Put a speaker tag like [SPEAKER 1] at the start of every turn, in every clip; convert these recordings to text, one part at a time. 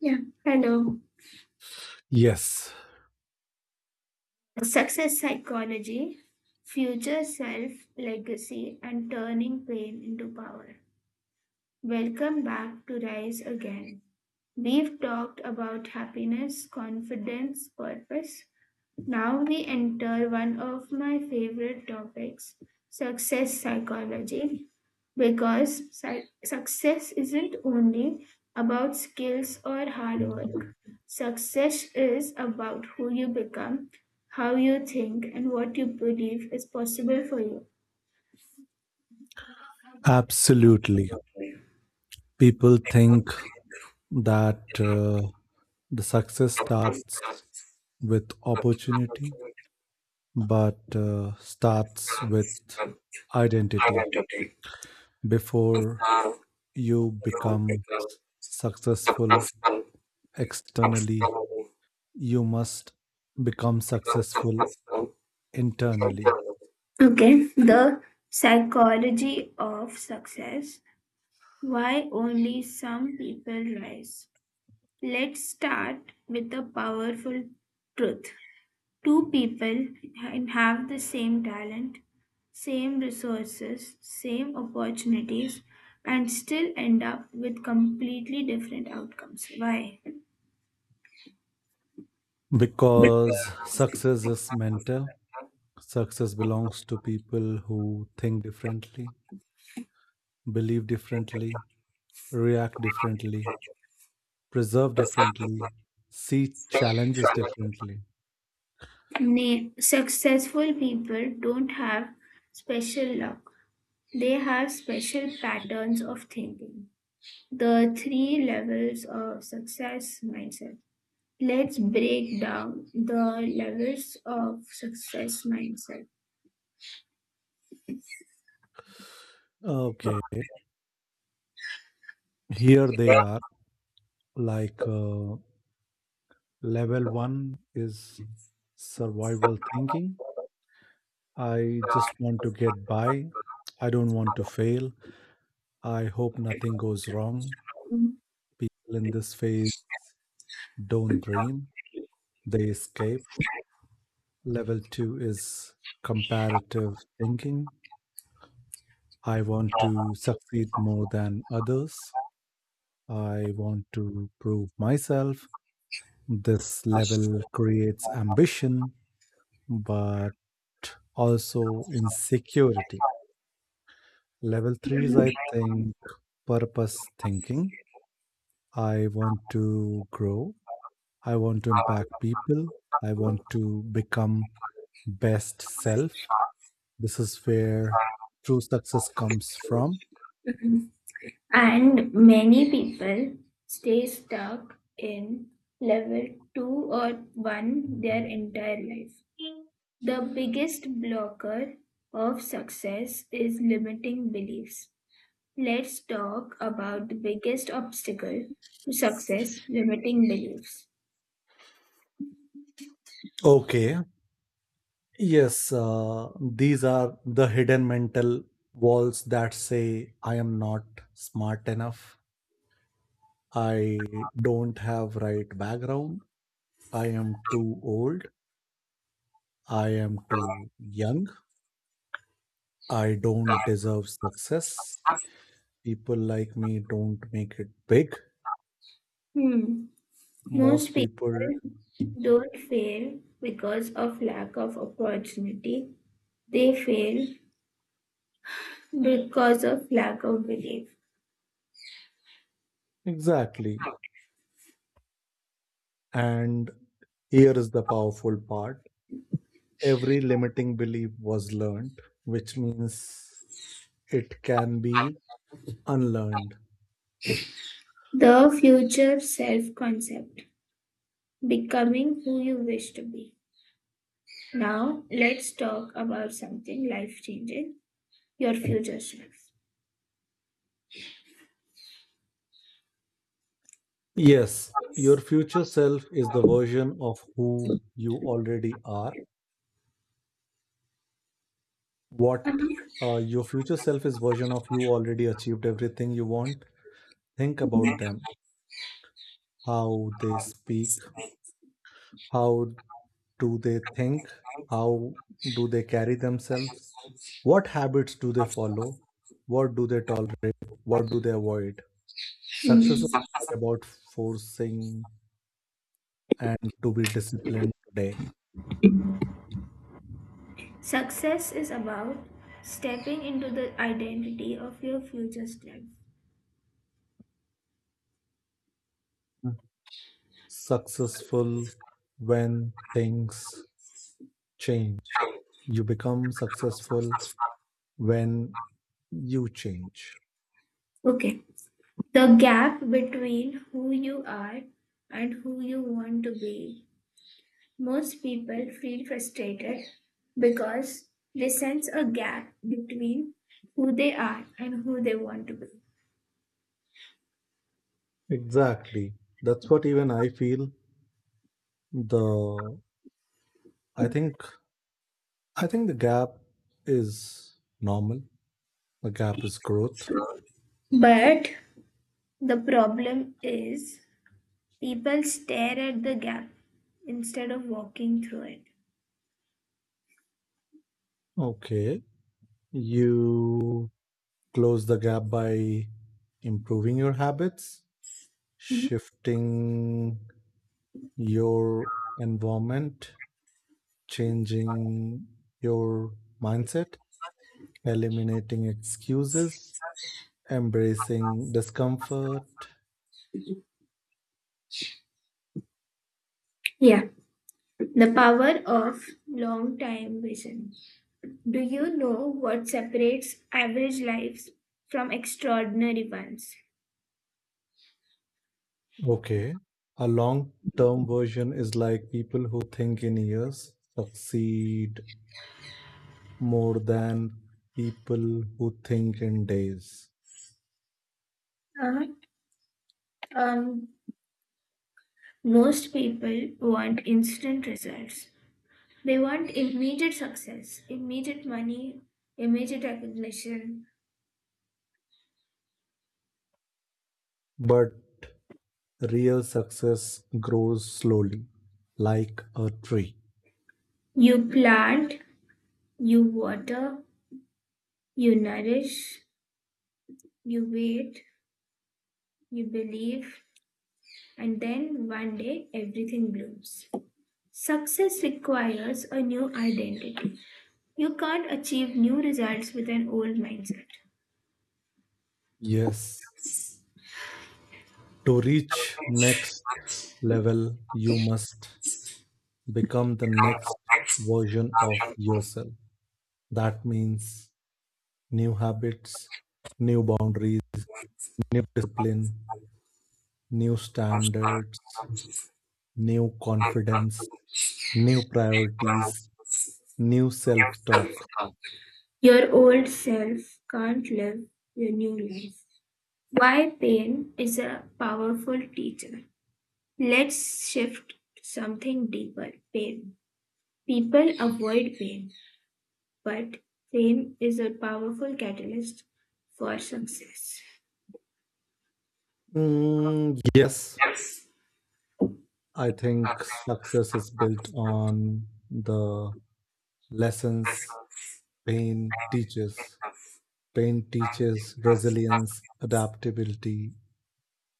[SPEAKER 1] Yeah, hello.
[SPEAKER 2] Yes,
[SPEAKER 1] Success psychology, future self legacy, and turning pain into power. Welcome back to Rise Again. We've talked about happiness, confidence, purpose. Now we enter one of my favorite topics, success psychology, because success isn't only about skills or hard work. Success is about who you become, how you think, and what you believe is possible for you.
[SPEAKER 2] absolutely. People think that the success starts with opportunity, but starts with identity. Before you become successful externally, you must become successful internally
[SPEAKER 1] Okay, the psychology of success. Why only some people rise? Let's start with a powerful truth. Two people and have the same talent, same resources, same opportunities, and still end up with completely different outcomes. Why?
[SPEAKER 2] because success is mental. Success belongs to people who think differently believe differently, react differently, preserve differently, see challenges differently.
[SPEAKER 1] Successful people don't have special luck, they have special patterns of thinking. The three levels of success mindset. Let's break down the levels of success mindset.
[SPEAKER 2] Okay, here they are. Like uh, Level one is survival thinking. I just want to get by. I don't want to fail. I hope nothing goes wrong. People in this phase don't dream, they escape. Level two is comparative thinking. I want to succeed more than others. I want to prove myself. This level creates ambition, but also insecurity. Level three is, I think, purpose thinking. I want to grow. I want to impact people. I want to become best self. This is where true success comes from.
[SPEAKER 1] And many people stay stuck in level 2 or 1 their entire life. The biggest blocker of success is limiting beliefs. Let's talk about the biggest obstacle to success limiting beliefs.
[SPEAKER 2] Okay, yes, these are the hidden mental walls that say I am not smart enough. I don't have right background. I am too old. I am too young. I don't deserve success. People like me don't make it big.
[SPEAKER 1] Hmm. Most
[SPEAKER 2] Most people,
[SPEAKER 1] people don't fail because of lack of opportunity, they fail because of lack of belief.
[SPEAKER 2] exactly. And here is the powerful part every limiting belief was learned, which means it can be unlearned.
[SPEAKER 1] The future self-concept: becoming who you wish to be. Now, let's talk about something life-changing, your future self.
[SPEAKER 2] Yes, your future self is the version of who you already are. What your future self is version of you already achieved everything you want. Think about them. How they speak, how do they think, how do they carry themselves, what habits do they follow, what do they tolerate, what do they avoid. Success is
[SPEAKER 1] Mhm.
[SPEAKER 2] not about forcing and to be disciplined today.
[SPEAKER 1] Success is about stepping into the identity of your future self.
[SPEAKER 2] Successful when things change. You become successful when you change.
[SPEAKER 1] Okay. The gap between who you are and who you want to be. Most people feel frustrated because they sense a gap between who they are and who they want to be.
[SPEAKER 2] Exactly. That's what even I feel. The I think I think the gap is normal. The gap is growth.
[SPEAKER 1] But the problem is people stare at the gap instead of walking through it.
[SPEAKER 2] Okay. You close the gap by improving your habits,
[SPEAKER 1] Mhm.
[SPEAKER 2] shifting your environment, changing your mindset, eliminating excuses, embracing discomfort.
[SPEAKER 1] Yeah, the power of long time vision. Do you know what separates average lives from extraordinary ones?
[SPEAKER 2] Okay. A long term version is like people who think in years succeed more than people who think in days.
[SPEAKER 1] Uh, um, most people want instant results. They want immediate success, immediate money, immediate recognition.
[SPEAKER 2] But real success grows slowly, like a tree.
[SPEAKER 1] You plant, you water, you nourish, you wait, you believe, and then one day everything blooms. Success requires a new identity. You can't achieve new results with an old mindset.
[SPEAKER 2] Yes. To reach next level, you must become the next version of yourself. That means new habits, new boundaries, new discipline, new standards, new confidence, new priorities, new self talk.
[SPEAKER 1] Your old self can't live your new life. Why pain is a powerful teacher. Let's shift something deeper: pain. People avoid pain, but pain is a powerful catalyst for success.
[SPEAKER 2] Mm, yes, I think success is built on the lessons pain teaches. Pain teaches resilience, adaptability,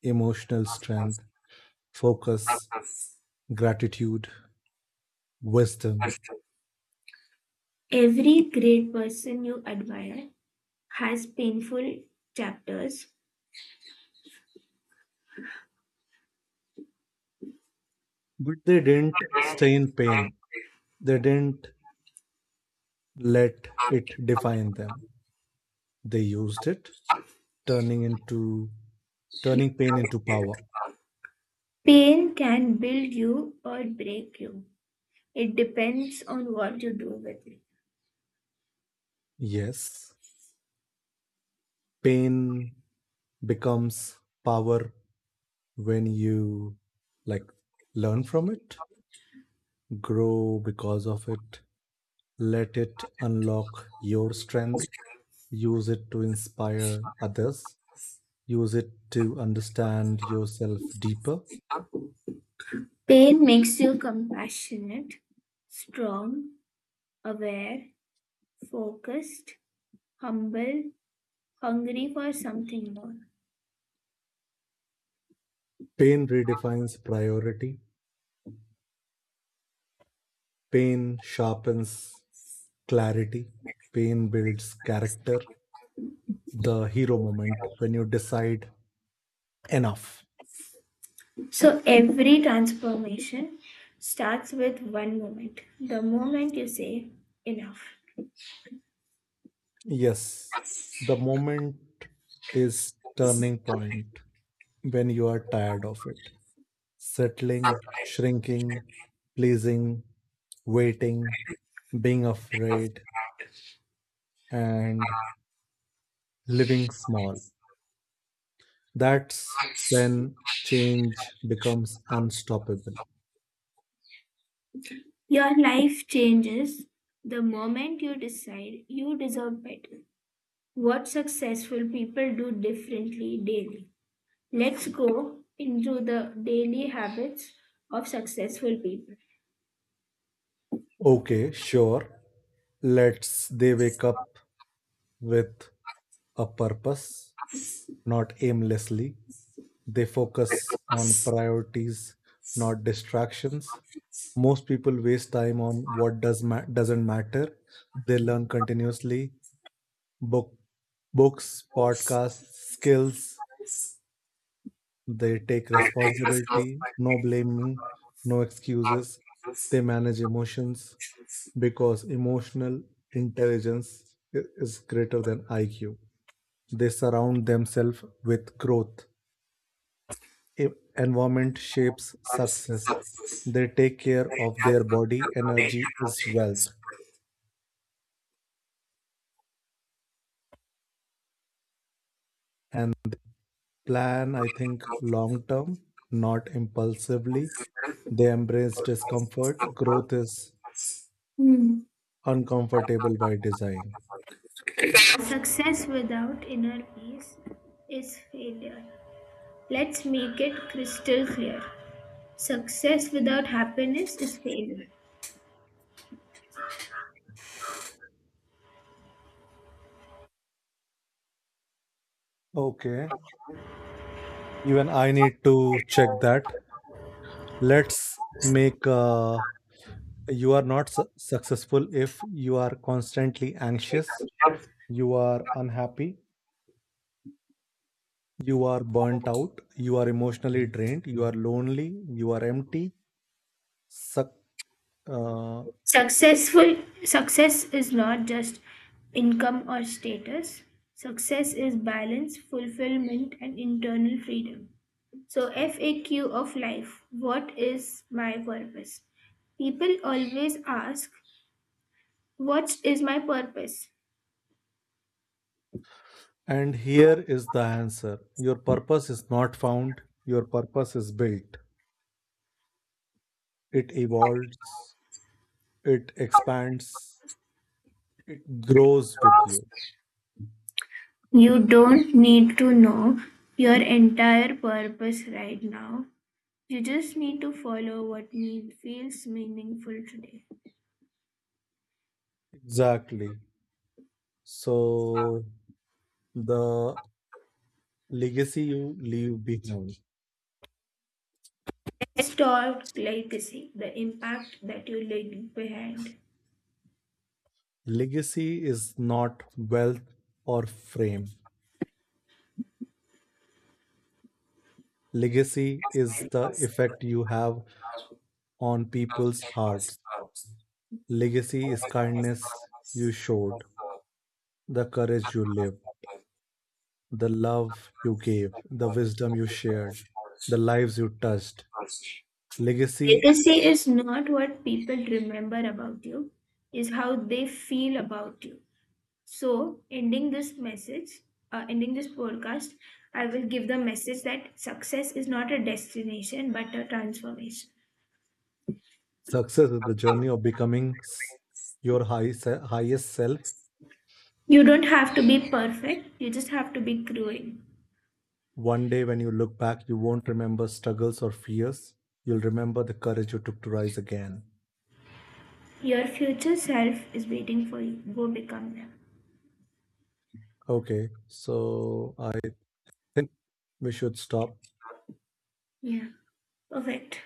[SPEAKER 2] emotional strength, focus, gratitude, wisdom,
[SPEAKER 1] Every great person you admire has painful chapters.
[SPEAKER 2] but they didn't stay in pain. They didn't let it define them. They used it, turning into turning pain into power.
[SPEAKER 1] Pain can build you or break you. It depends on what you do with it.
[SPEAKER 2] Yes, pain becomes power when you like learn from it, grow because of it, let it unlock your strength, use it to inspire others, use it to understand yourself deeper.
[SPEAKER 1] Pain makes you compassionate, strong, aware, focused, humble, hungry for something more.
[SPEAKER 2] Pain redefines priority. Pain sharpens clarity. Pain builds character. The hero moment when you decide enough.
[SPEAKER 1] So every transformation starts with one moment. The moment you say enough.
[SPEAKER 2] Yes, the moment is turning point when you are tired of it. Settling, shrinking, pleasing, waiting, being afraid, and living small. That's when change becomes unstoppable.
[SPEAKER 1] Your life changes the moment you decide you deserve better. What successful people do differently daily. Let's go into the daily habits of successful people.
[SPEAKER 2] Okay, sure. Let's they wake up with a purpose, not aimlessly. They focus on priorities, not distractions. Most people waste time on what doesn't matter. They learn continuously, book books, podcasts, skills. They take responsibility, no blaming, no excuses. They manage emotions. Because emotional intelligence is greater than IQ. They surround themselves with growth. E- Environment shapes success. They take care of their body. Energy is wealth. And plan, I think, long term, not impulsively. They embrace discomfort. Growth is
[SPEAKER 1] Hmm.
[SPEAKER 2] uncomfortable by design.
[SPEAKER 1] Success without inner peace is failure. Let's make it crystal clear. Success without happiness is failure.
[SPEAKER 2] Okay. Even I need to check that. Let's make a you are not successful if you are constantly anxious, you are unhappy, you are burnt out, you are emotionally drained, you are lonely, you are empty, suck uh,
[SPEAKER 1] successful Success is not just income or status. Success is balance, fulfillment and internal freedom. So, FAQ of life, what is my purpose? People always ask, what is my purpose?
[SPEAKER 2] and here is the answer your purpose is not found, your purpose is built, it evolves, it expands, it grows with you.
[SPEAKER 1] You don't need to know your entire purpose right now. You just need to follow what feels meaningful today.
[SPEAKER 2] Exactly. So the legacy you leave behind.
[SPEAKER 1] Let's talk legacy, the impact that you leave behind.
[SPEAKER 2] Legacy is not wealth or fame. Legacy is the effect you have on people's hearts. Legacy is kindness you showed, the courage you lived, the love you gave, the wisdom you shared, the lives you touched. Legacy
[SPEAKER 1] Legacy is not what people remember about you, is how they feel about you. So, ending this message, ending this podcast, I will give the message that success is not a destination but a transformation.
[SPEAKER 2] success is the journey of becoming your highest self.
[SPEAKER 1] You don't have to be perfect, you just have to be growing.
[SPEAKER 2] One day, when you look back, you won't remember struggles or fears. You'll remember the courage you took to rise again.
[SPEAKER 1] Your future self is waiting for you. Go become them.
[SPEAKER 2] Okay, so I think we should stop.
[SPEAKER 1] Yeah, perfect.